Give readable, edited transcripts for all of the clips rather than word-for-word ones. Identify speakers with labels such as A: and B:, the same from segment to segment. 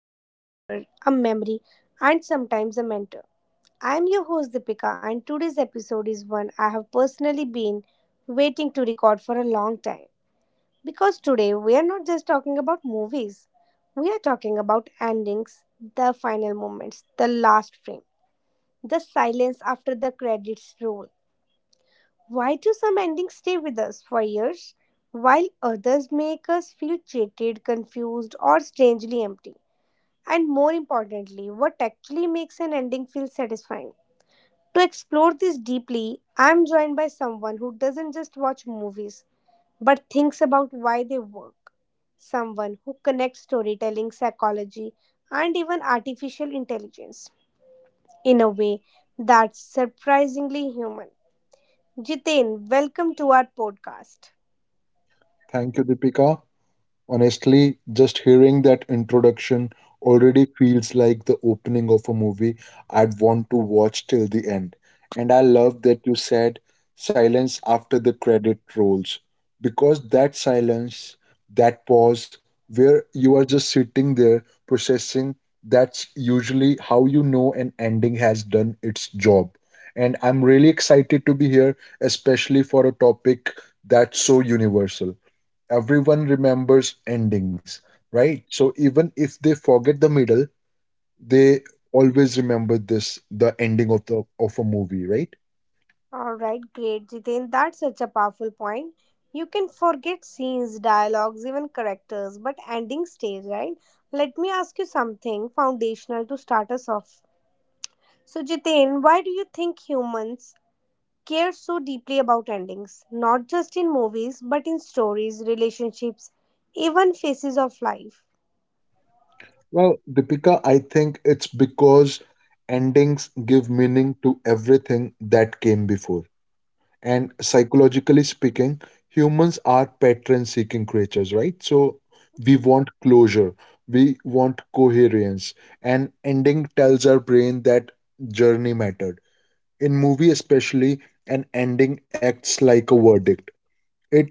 A: it's a mirror, a memory, and sometimes a mentor. I'm your host Deepika, and today's episode is one I have personally been waiting to record for a long time. Because today we are not just talking about movies, we are talking about endings, the final moments, the last frame, the silence after the credits roll, why do some endings stay with us for years, while others make us feel jaded, confused, or strangely empty? And more importantly, what actually makes an ending feel satisfying? To explore this deeply, I am joined by someone who doesn't just watch movies but thinks about why they work. Someone who connects storytelling, psychology, and even artificial intelligence in a way that's surprisingly human. Jitain, welcome to our podcast.
B: Thank you, Deepika. Honestly, just hearing that introduction already feels like the opening of a movie I'd want to watch till the end. And I love that you said silence after the credit rolls, because that silence, that pause where you are just sitting there processing, that's usually how you know an ending has done its job. And I'm really excited to be here, especially for a topic that's so universal, everyone remembers endings, right? So even if they forget the middle, they always remember this, the ending of the of a movie, right?
A: All right, great, Jiten. That's such a powerful point. You can forget scenes, dialogues, even characters, but ending stays, right? Let me ask you something foundational to start us off. So, Jiten, why do you think humans care so deeply about endings? Not just in movies, but in stories, relationships, even phases of life.
B: Well Deepika, I think it's because endings give meaning to everything that came before, and psychologically speaking, humans are pattern seeking creatures, right? So we want closure, we want coherence, and ending tells our brain that journey mattered. In movie especially, an ending acts like a verdict. It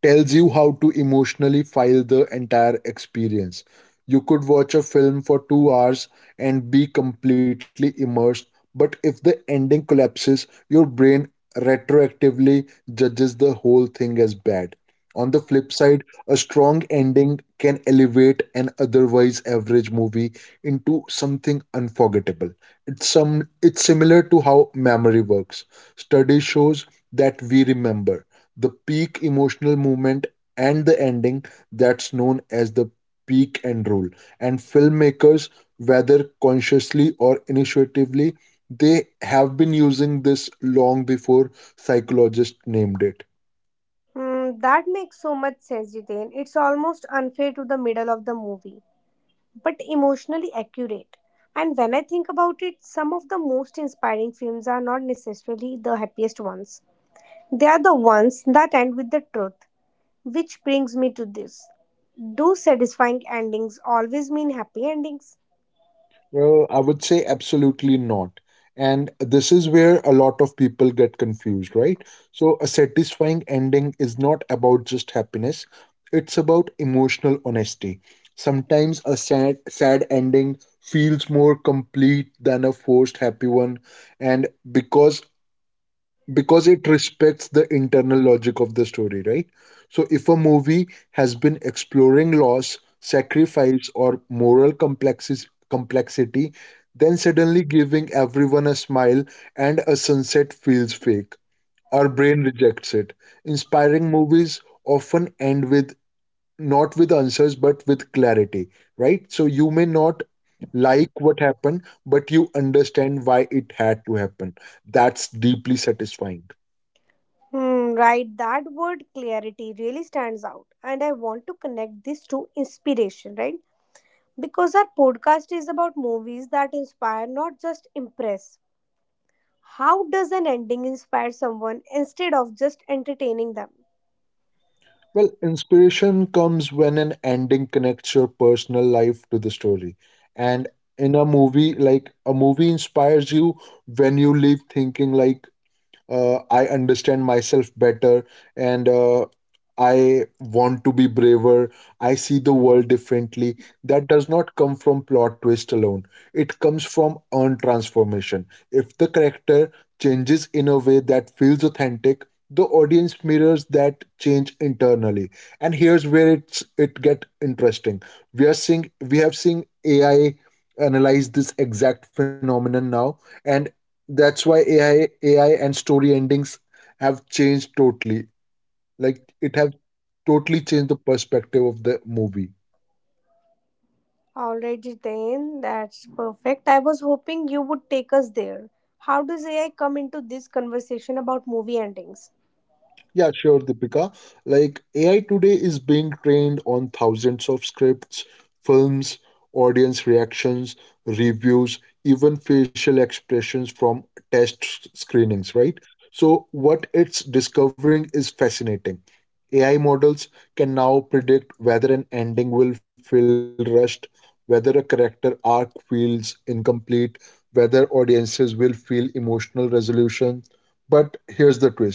B: tells you how to emotionally file the entire experience. You could watch a film for 2 hours and be completely immersed, but if the ending collapses, your brain retroactively judges the whole thing as bad. On the flip side, a strong ending can elevate an otherwise average movie into something unforgettable. It's similar to how memory works. Study shows that we remember the peak emotional moment and the ending. That's known as the peak and roll. And filmmakers, whether consciously or initiatively, they have been using this long before psychologists named it.
A: Hmm, that makes so much sense, Jiten. It's almost unfair to the middle of the movie but emotionally accurate. And when I think about it, some of the most inspiring films are not necessarily the happiest ones. They are the ones that end with the truth, which brings me to this. Do satisfying endings always mean happy endings?
B: Well, I would say absolutely not. And this is where a lot of people get confused, right? So a satisfying ending is not about just happiness, it's about emotional honesty. Sometimes a sad ending feels more complete than a forced happy one. And because it respects the internal logic of the story, right? So if a movie has been exploring loss, sacrifice, or moral complexity, then suddenly giving everyone a smile and a sunset feels fake. Our brain rejects it. Inspiring movies often end with not with answers but with clarity, right? So you may not like what happened, but you understand why it had to happen. That's deeply satisfying.
A: Hmm, right, that word clarity really stands out. And I want to connect this to inspiration, right? Because our podcast is about movies that inspire, not just impress. How does an ending inspire someone instead of just entertaining them?
B: Well, inspiration comes when an ending connects your personal life to the story. And in a movie, like a movie inspires you when you leave thinking like, I understand myself better, and I want to be braver. I see the world differently. That does not come from plot twist alone. It comes from earned transformation. If the character changes in a way that feels authentic, the audience mirrors that change internally. And here's where it get interesting. We are seeing we have seen AI analyze this exact phenomenon now, and that's why AI and story endings have changed totally. Like it have totally changed the perspective of the movie.
A: Alright, Jiten, that's perfect. I was hoping you would take us there. How does AI come into this conversation about movie endings?
B: Yeah, sure, Deepika. Like AI today is being trained on thousands of scripts, films, audience reactions, reviews, even facial expressions from screenings, right? So what it's discovering is fascinating. AI models can now predict whether an ending will feel rushed, whether a character arc feels incomplete, whether audiences will feel emotional resolution. But here's the twist,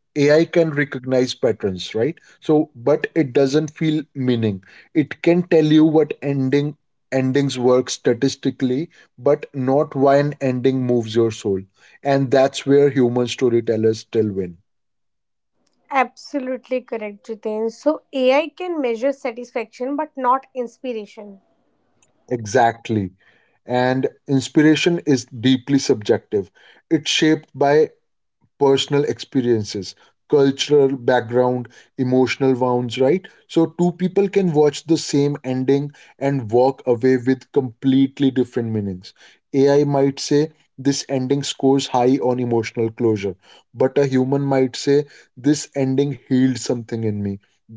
B: AI can recognize patterns, right? So, but it doesn't feel meaning. It can tell you what endings work statistically, but not why an ending moves your soul. And that's where human storytellers still win.
A: Absolutely correct, Jiten. So AI can measure satisfaction but not inspiration.
B: Exactly. And inspiration is deeply subjective. It's shaped by personal experiences, cultural background, emotional wounds, right? So two people can watch the same ending and walk away with completely different meanings. AI might say this ending scores high on emotional closure, but a human might say this ending healed something in me.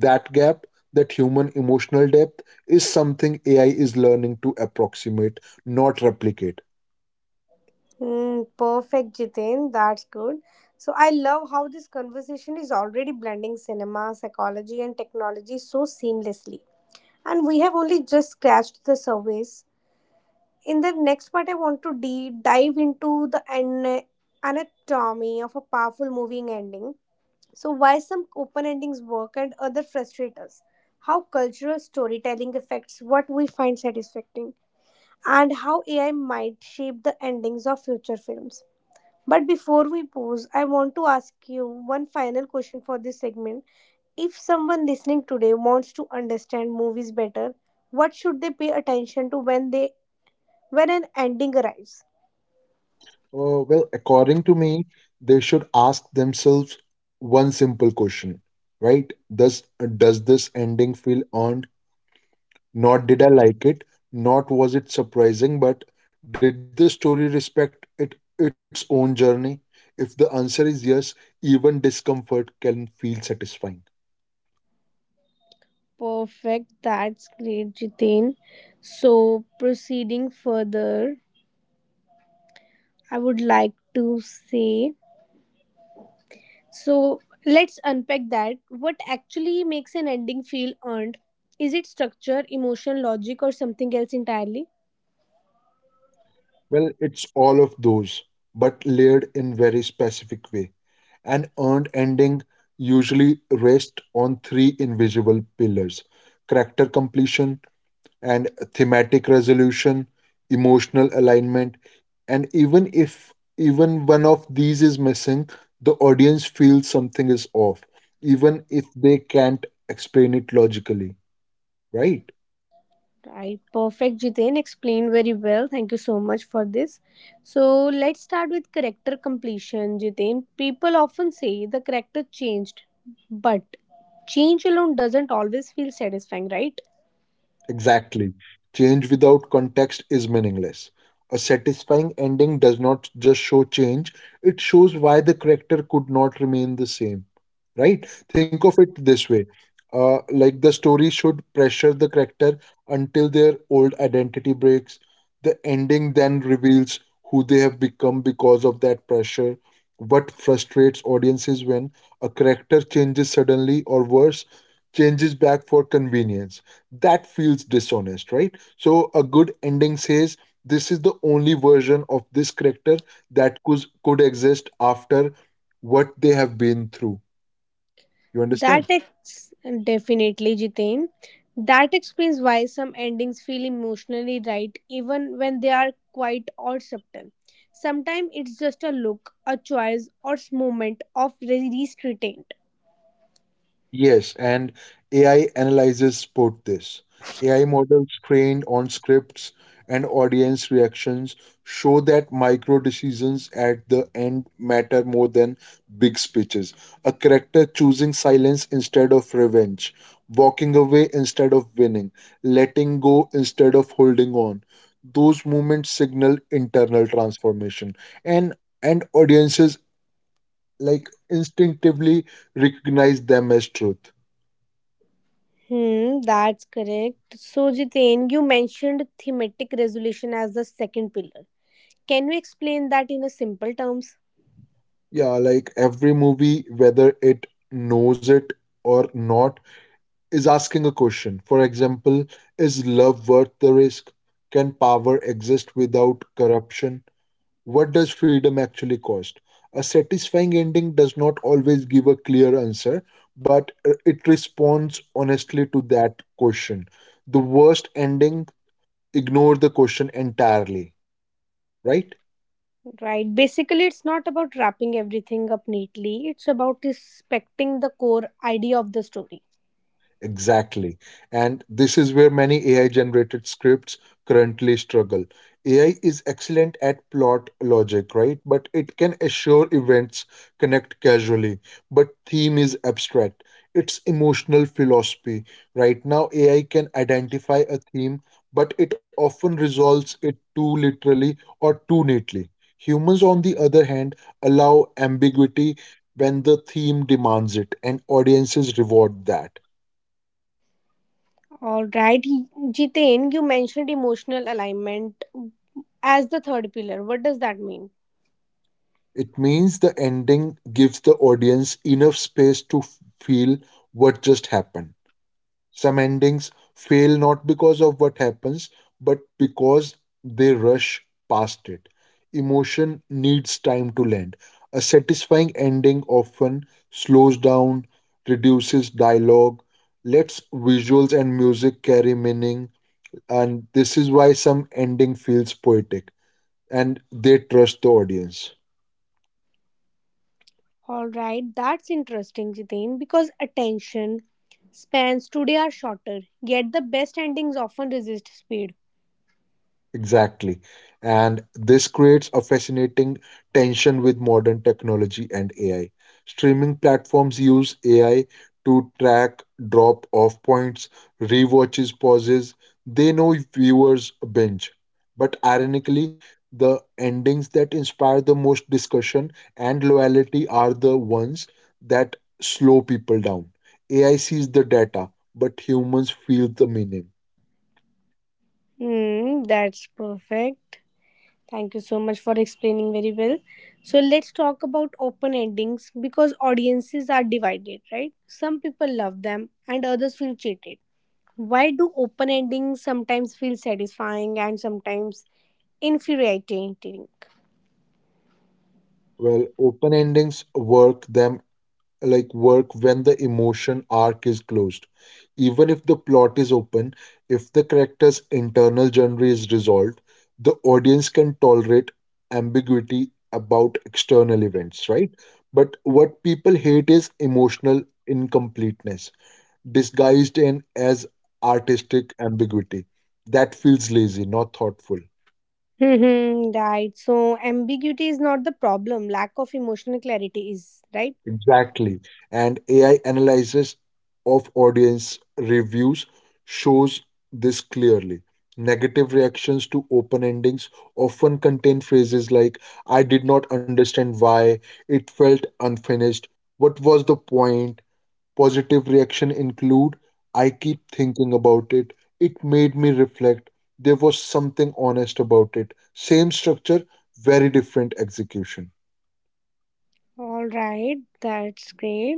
B: That gap, that human emotional depth, is something AI is learning to approximate, not replicate.
A: Hmm, perfect, Jiten. That's good. So I love how this conversation is already blending cinema, psychology, and technology so seamlessly. And we have only just scratched the surface. In the next part, I want to dive into the an anatomy of a powerful moving ending, so why some open endings work and other frustrate us, how cultural storytelling affects what we find satisfying, and how AI might shape the endings of future films. But before we pause, I want to ask you one final question for this segment. If someone listening today wants to understand movies better, what should they pay attention to when an ending arrives?
B: Well, according to me, they should ask themselves one simple question, right? Does this ending feel earned? Not did I like it, not was it surprising, but did the story respect it its own journey? If the answer is yes, even discomfort can feel satisfying.
A: Perfect. That's great, Jitin. So, proceeding further, I would like to say, so let's unpack that. What actually makes an ending feel earned? Is it structure, emotion, logic, or something else entirely?
B: Well, it's all of those, but layered in very specific way. An earned ending usually rests on three invisible pillars, character completion and thematic resolution, emotional alignment, and even if even one of these is missing, the audience feels something is off, even if they can't explain it logically, right?
A: Right. Perfect, Jitin. Explained very well. Thank you so much for this. So, let's start with character completion, Jitin. People often say the character changed, but change alone doesn't always feel satisfying, right?
B: Exactly. Change without context is meaningless. A satisfying ending does not just show change, it shows why the character could not remain the same. Right? Think of it this way. Like the story should pressure the character until their old identity breaks. The ending then reveals who they have become because of that pressure. What frustrates audiences when a character changes suddenly or worse, changes back for convenience, that feels dishonest, right? So a good ending says this is the only version of this character that could exist after what they have been through, you understand.
A: That ex- Definitely, Jitain. That explains why some endings feel emotionally right even when they are quite or subtle. Sometimes it's just a look, a choice, or moment of restraint.
B: Yes, and AI analyzes support this. AI models trained on scripts and audience reactions show that micro decisions at the end matter more than big speeches. A character choosing silence instead of revenge, walking away instead of winning, letting go instead of holding on. Those movements signal internal transformation, and audiences like instinctively recognize them as truth.
A: Hmm, that's correct. So, Jitain, you mentioned thematic resolution as the second pillar. Can you explain that in a simple terms?
B: Yeah, like every movie, whether it knows it or not, is asking a question. For example, is love worth the risk? Can power exist without corruption? What does freedom actually cost? A satisfying ending does not always give a clear answer, but it responds honestly to that question. The worst ending ignore the question entirely, right?
A: Right. Basically, it's not about wrapping everything up neatly. It's about respecting the core idea of the story.
B: Exactly. And this is where many AI generated scripts currently struggle. AI is excellent at plot logic, right? But it can assure events connect casually, but theme is abstract. It's emotional philosophy. Right now, AI can identify a theme, but it often resolves it too literally or too neatly. Humans, on the other hand, allow ambiguity when the theme demands it, and audiences reward that.
A: All right, Jitain, you mentioned emotional alignment as the third pillar. What does that mean?
B: It means the ending gives the audience enough space to feel what just happened. Some endings fail not because of what happens, but because they rush past it. Emotion needs time to land. A satisfying ending often slows down, reduces dialogue, lets visuals and music carry meaning, and this is why some ending feels poetic and they trust the audience.
A: All right, that's interesting, Jitain, because attention spans today are shorter, yet the best endings often resist speed.
B: Exactly. And this creates a fascinating tension with modern technology and AI. Streaming platforms use AI to track drop off points, rewatches, pauses. They know viewers binge. But ironically, the endings that inspire the most discussion and loyalty are the ones that slow people down. AI sees the data, but humans feel the meaning.
A: Hmm, that's perfect. Thank you so much for explaining very well. So let's talk about open endings because audiences are divided, right? Some people love them and others feel cheated. Why do open endings sometimes feel satisfying and sometimes infuriating?
B: Well, open endings work when the emotion arc is closed, even if the plot is open. If the character's internal journey is resolved, the audience can tolerate ambiguity about external events, right? But what people hate is emotional incompleteness disguised in as artistic ambiguity. That feels lazy, not thoughtful.
A: Mm-hmm, right. So ambiguity is not the problem. Lack of emotional clarity is right.
B: Exactly. And AI analysis of audience reviews shows this clearly. Negative reactions to open endings often contain phrases like, I did not understand why, it felt unfinished, what was the point? Positive reaction include, I keep thinking about it, it made me reflect, there was something honest about it. Same structure, very different execution.
A: All right, that's great.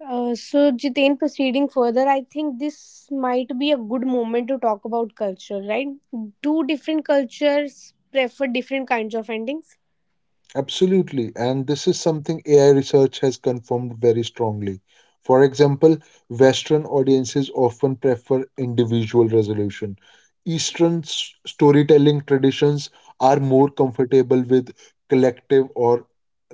A: So Jitain, proceeding further, I think this might be a good moment to talk about culture, right? Do different cultures prefer different kinds of endings?
B: Absolutely. And this is something AI research has confirmed very strongly. For example, Western audiences often prefer individual resolution. Eastern storytelling traditions are more comfortable with collective or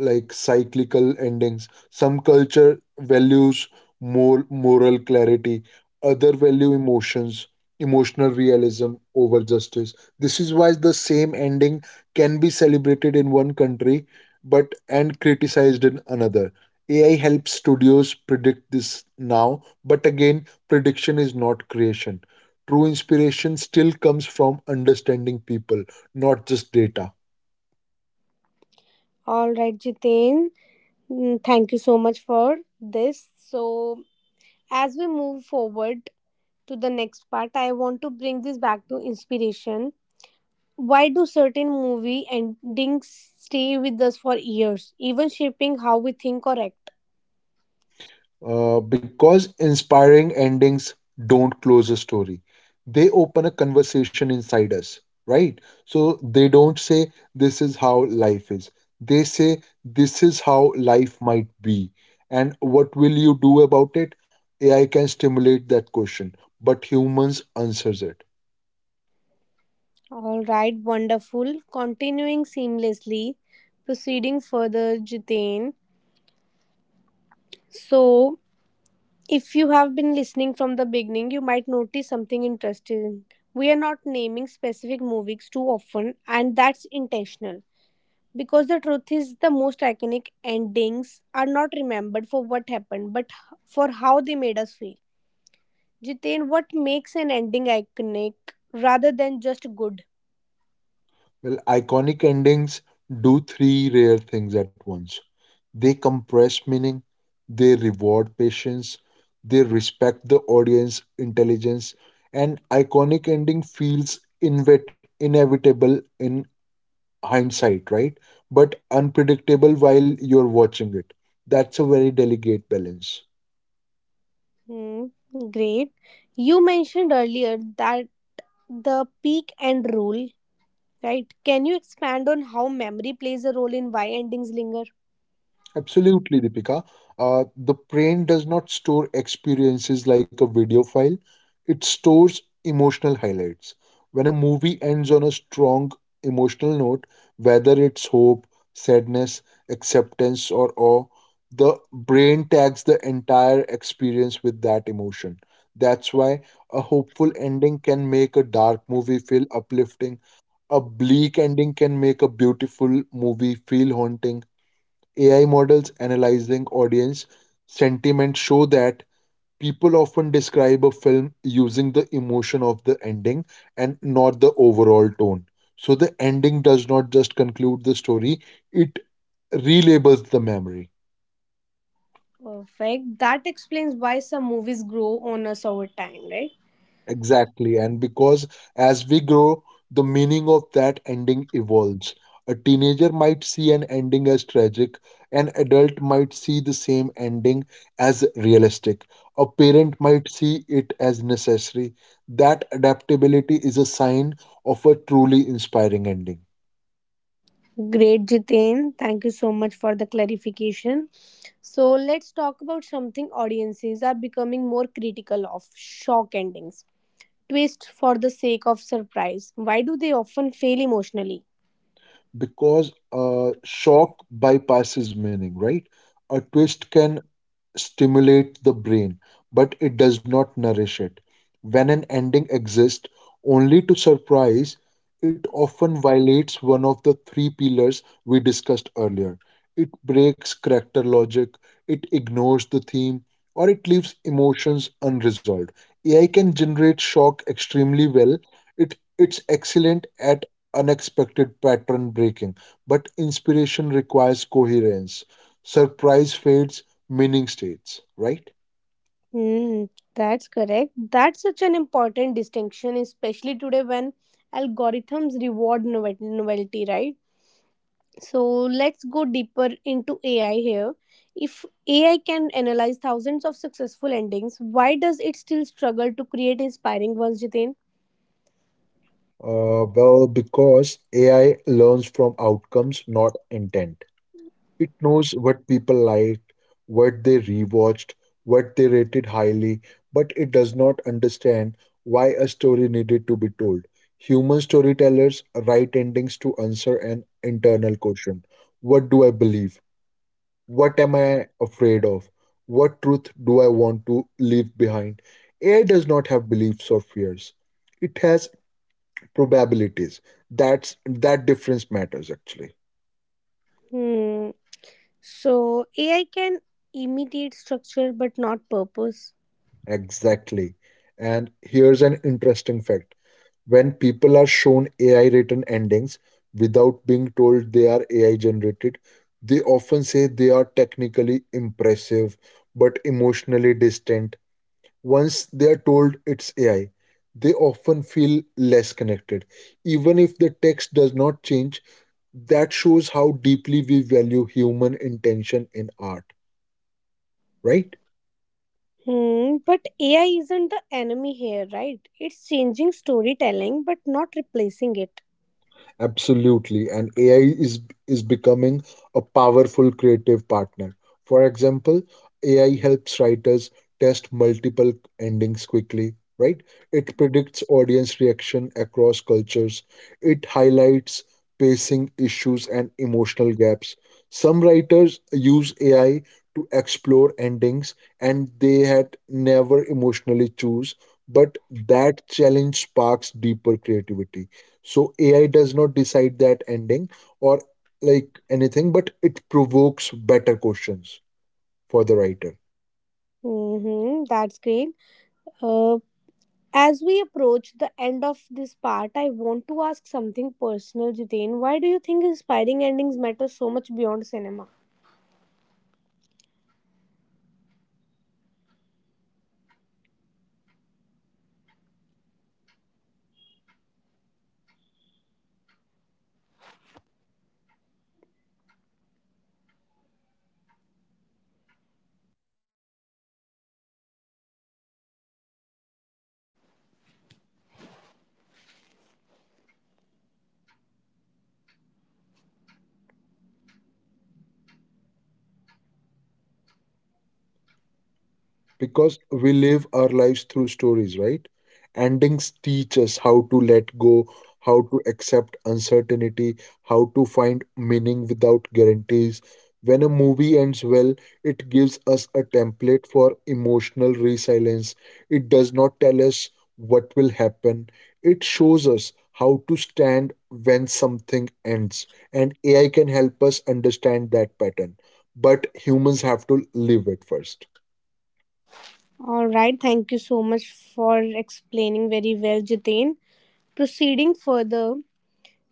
B: like cyclical endings. Some culture values more moral clarity, other value emotions, emotional realism over justice. This is why the same ending can be celebrated in one country but and criticized in another. AI helps studios predict this now, but again, prediction is not creation. True inspiration still comes from understanding people, not just data.
A: All right, Jitain. Mm, thank you so much for this. So as we move forward to the next part, I want to bring this back to inspiration. Why do certain movie endings stay with us for years, even shaping how we think or act?
B: Because inspiring endings don't close a story. They open a conversation inside us, right? So they don't say, this is how life is. They say, this is how life might be. And what will you do about it? AI can stimulate that question, but humans answers it.
A: All right, wonderful. Continuing seamlessly, proceeding further, Jitain. So, if you have been listening from the beginning, you might notice something interesting. We are not naming specific movies too often, and that's intentional. Because the truth is, the most iconic endings are not remembered for what happened, but for how they made us feel. Jitain, what makes an ending iconic rather than just good?
B: Well, iconic endings do three rare things at once. They compress meaning, they reward patience, they respect the audience intelligence, and iconic ending feels inevitable in hindsight, right? But unpredictable while you're watching it. That's a very delicate balance.
A: Hmm, great. You mentioned earlier that the peak and rule, right? Can you expand on how memory plays a role in why endings linger?
B: Absolutely, Deepika. The brain does not store experiences like a video file, it stores emotional highlights. When a movie ends on a strong emotional note, whether it's hope, sadness, acceptance, or awe, the brain tags the entire experience with that emotion. That's why a hopeful ending can make a dark movie feel uplifting, a bleak ending can make a beautiful movie feel haunting. AI models analyzing audience sentiment show that people often describe a film using the emotion of the ending and not the overall tone. So the ending does not just conclude the story, it relabels the memory.
A: Perfect. That explains why some movies grow on us over time, right?
B: Exactly. And because as we grow, the meaning of that ending evolves. A teenager might see an ending as tragic, an adult might see the same ending as realistic, a parent might see it as necessary. That adaptability is a sign of a truly inspiring ending.
A: Great, Jitain. Thank you so much for the clarification. So, let's talk about something audiences are becoming more critical of: shock endings. Twist for the sake of surprise. Why do they often fail emotionally?
B: Because shock bypasses meaning, right? A twist can stimulate the brain, but it does not nourish it. When an ending exists only to surprise, it often violates one of the three pillars we discussed earlier. It breaks character logic, it ignores the theme, or it leaves emotions unresolved. AI can generate shock extremely well. It's excellent at unexpected pattern breaking, but inspiration requires coherence. Surprise fades, meaning states, right?
A: Hmm, that's correct. That's such an important distinction, especially today when algorithms reward novelty, right? So let's go deeper into AI here. If AI can analyze thousands of successful endings, why does it still struggle to create inspiring ones, Jitin?
B: Well, because AI learns from outcomes, not intent. It knows what people liked, what they rewatched, what they rated highly, but it does not understand why a story needed to be told. Human storytellers write endings to answer an internal question. What do I believe? What am I afraid of? What truth do I want to leave behind? AI does not have beliefs or fears, it has probabilities. That's that difference matters actually.
A: Hmm. So AI can imitate structure but not purpose.
B: Exactly, and here's an interesting fact. When people are shown AI written endings without being told they are AI generated, they often say they are technically impressive but emotionally distant. Once they are told it's AI, they often feel less connected, even if the text does not change. That shows how deeply we value human intention in art, right?
A: Hmm. But AI isn't the enemy here, right? It's changing storytelling but not replacing it.
B: Absolutely, and AI is becoming a powerful creative partner. For example, AI helps writers test multiple endings quickly, right? It predicts audience reaction across cultures. It highlights pacing issues and emotional gaps. Some writers use AI to explore endings and they had never emotionally choose, but that challenge sparks deeper creativity. So AI does not decide that ending or like anything, but it provokes better questions for the writer.
A: Mm-hmm, that's great. Uh, As we approach the end of this part, I want to ask something personal, Jitain. Why do you think inspiring endings matter so much beyond cinema?
B: Because we live our lives through stories, right? Endings teach us how to let go, how to accept uncertainty, how to find meaning without guarantees. When a movie ends well, it gives us a template for emotional resilience. It does not tell us what will happen, it shows us how to stand when something ends. And AI can help us understand that pattern, but humans have to live it first.
A: All right, thank you so much for explaining very well, Jitain. Proceeding further,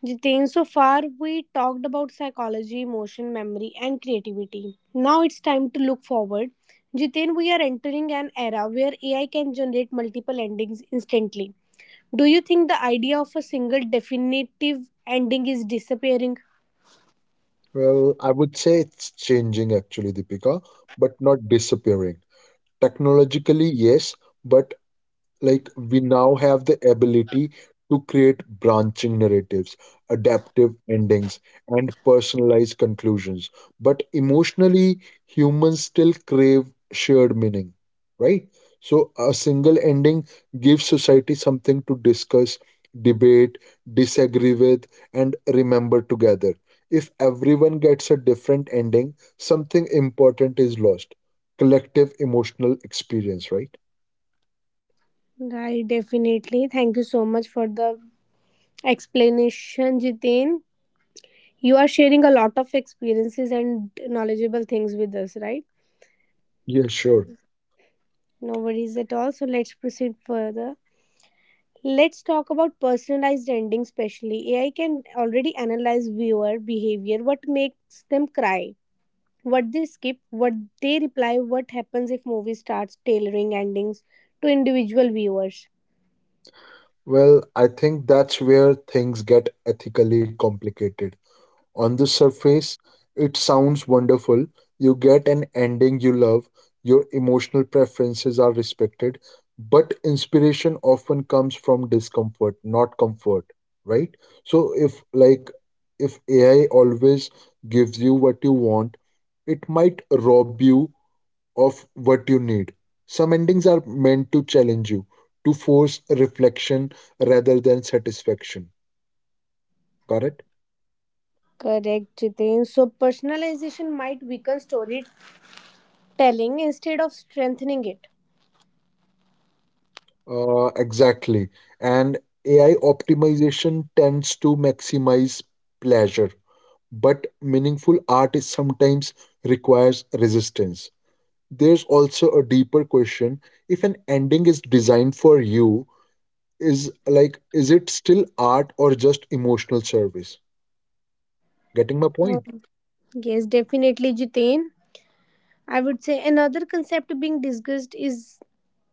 A: Jitain, so far we talked about psychology, emotion, memory, and creativity. Now it's time to look forward. Jitain, we are entering an era where AI can generate multiple endings instantly. Do you think the idea of a single definitive ending is disappearing?
B: Well, I would say it's changing actually, Deepika, but not disappearing. Technologically, yes, but like we now have the ability to create branching narratives, adaptive endings, and personalized conclusions. But emotionally, humans still crave shared meaning, right? So a single ending gives society something to discuss, debate, disagree with, and remember together. If everyone gets a different ending, something important is lost. Collective emotional experience, right?
A: Right, definitely. Thank you so much for the explanation, Jitin. You are sharing a lot of experiences and knowledgeable things with us, right?
B: Yeah, sure.
A: No worries at all. So let's proceed further. Let's talk about personalized endings, especially. AI can already analyze viewer behavior, what makes them cry, what they skip, what they reply, what happens if movie starts tailoring endings to individual viewers.
B: Well, I think that's where things get ethically complicated. On the surface, it sounds wonderful. You get an ending you love, your emotional preferences are respected, but inspiration often comes from discomfort, not comfort, right? So if AI always gives you what you want, it might rob you of what you need. Some endings are meant to challenge you, to force reflection rather than satisfaction. Got it?
A: Correct, Jitin. So personalization might weaken storytelling instead of strengthening it.
B: Exactly. And AI optimization tends to maximize pleasure, but meaningful art is sometimes requires resistance. There's also a deeper question. If an ending is designed for you, is it still art or just emotional service? Getting my point?
A: Um, yes, definitely, Jitin. I would say another concept being discussed is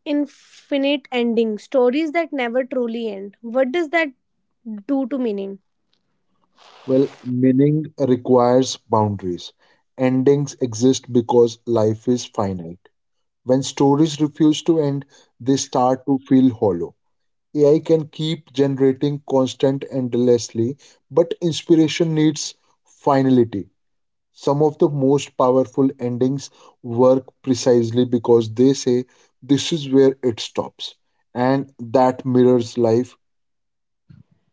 A: infinite ending stories that never truly end. What does that do to meaning?
B: Well, meaning requires boundaries. Endings exist because life is finite. When stories refuse to end, they start to feel hollow. AI can keep generating constant endlessly, but inspiration needs finality. Some of the most powerful endings work precisely because they say this is where it stops, and that mirrors life.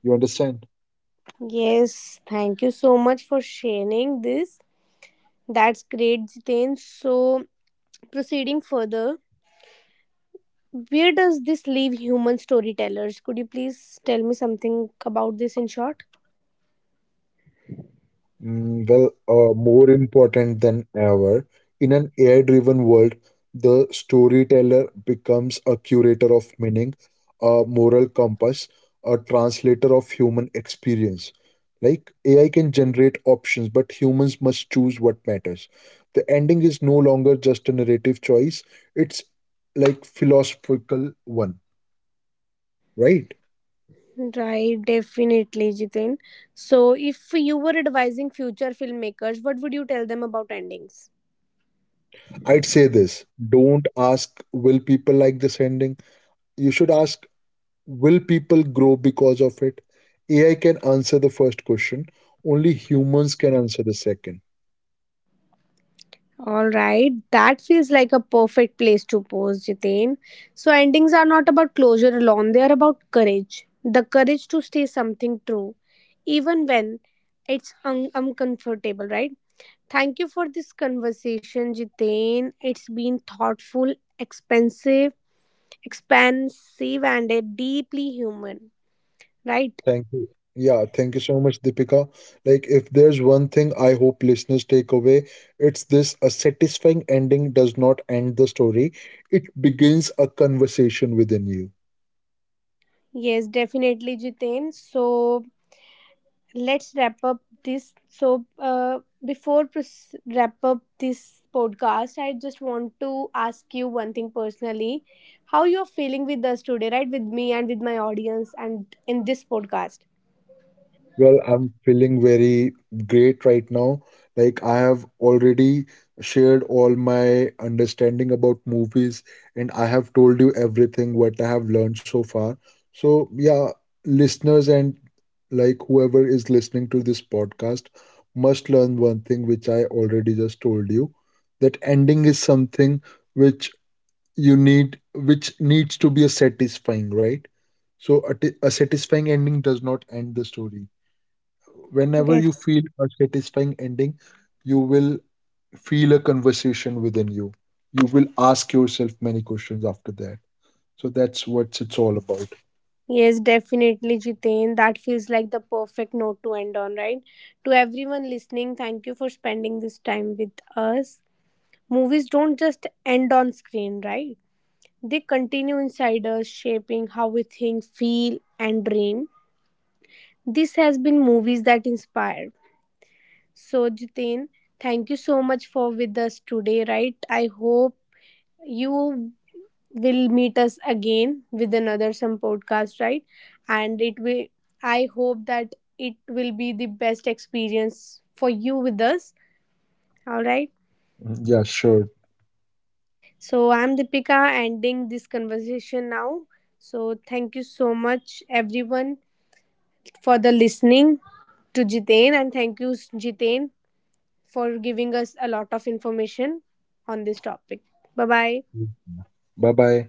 B: You understand?
A: Yes, thank you so much for sharing this. That's great, Jitin. So, proceeding further, where does this leave human storytellers? Could you please tell me something about this in short?
B: Well, more important than ever, in an AI driven world, the storyteller becomes a curator of meaning, a moral compass, a translator of human experience. Like AI can generate options, but humans must choose what matters. The ending is no longer just a narrative choice, it's like philosophical one, right?
A: Right, definitely, Jitin. So, if you were advising future filmmakers, what would you tell them about endings?
B: I'd say this, don't ask, will people like this ending? You should ask, will people grow because of it? AI can answer the first question. Only humans can answer the second.
A: All right, that feels like a perfect place to pause, Jitin. So, endings are not about closure alone, they are about courage, the courage to stay something true, even when it's uncomfortable, right? Thank you for this conversation, Jitin. It's been thoughtful, expensive, expansive, and deeply human, right?
B: Thank you. Yeah, thank you so much, Deepika. Like, if there's one thing I hope listeners take away, it's this, a satisfying ending does not end the story, it begins a conversation within you.
A: Yes, definitely, Jiten. So let's wrap up this. So before wrap up this podcast, I just want to ask you one thing personally: how you're feeling with us today, right? With me and with my audience, and in this podcast.
B: Well, I'm feeling very great right now. Like, I have already shared all my understanding about movies, and I have told you everything what I have learned so far. So, yeah, listeners and like whoever is listening to this podcast must learn one thing which I already just told you, that ending is something which you need, which needs to be a satisfying, right? So, a satisfying ending does not end the story. Whenever you
A: Def-
B: feel a satisfying ending, you will feel a conversation within you. You will ask yourself many questions after that. So that's what it's all about.
A: yes, definitely, Jiten. That feels like the perfect note to end on, right? To everyone listening, thank you for spending this time with us. Movies don't just end on screen, right? They continue inside us, shaping how we think, feel, and dream. This has been Movies That Inspired. So, Jitin, thank you so much for with us today, right? I hope you will meet us again with another some podcast, right? And it will I hope that it will be the best experience for you with us. All right.
B: Mhm. Yeah, sure.
A: So I'm Deepika ending this conversation now. So thank you so much everyone for the listening to Jitain, and thank you Jitain for giving us a lot of information on this topic. Bye bye.
B: Bye bye.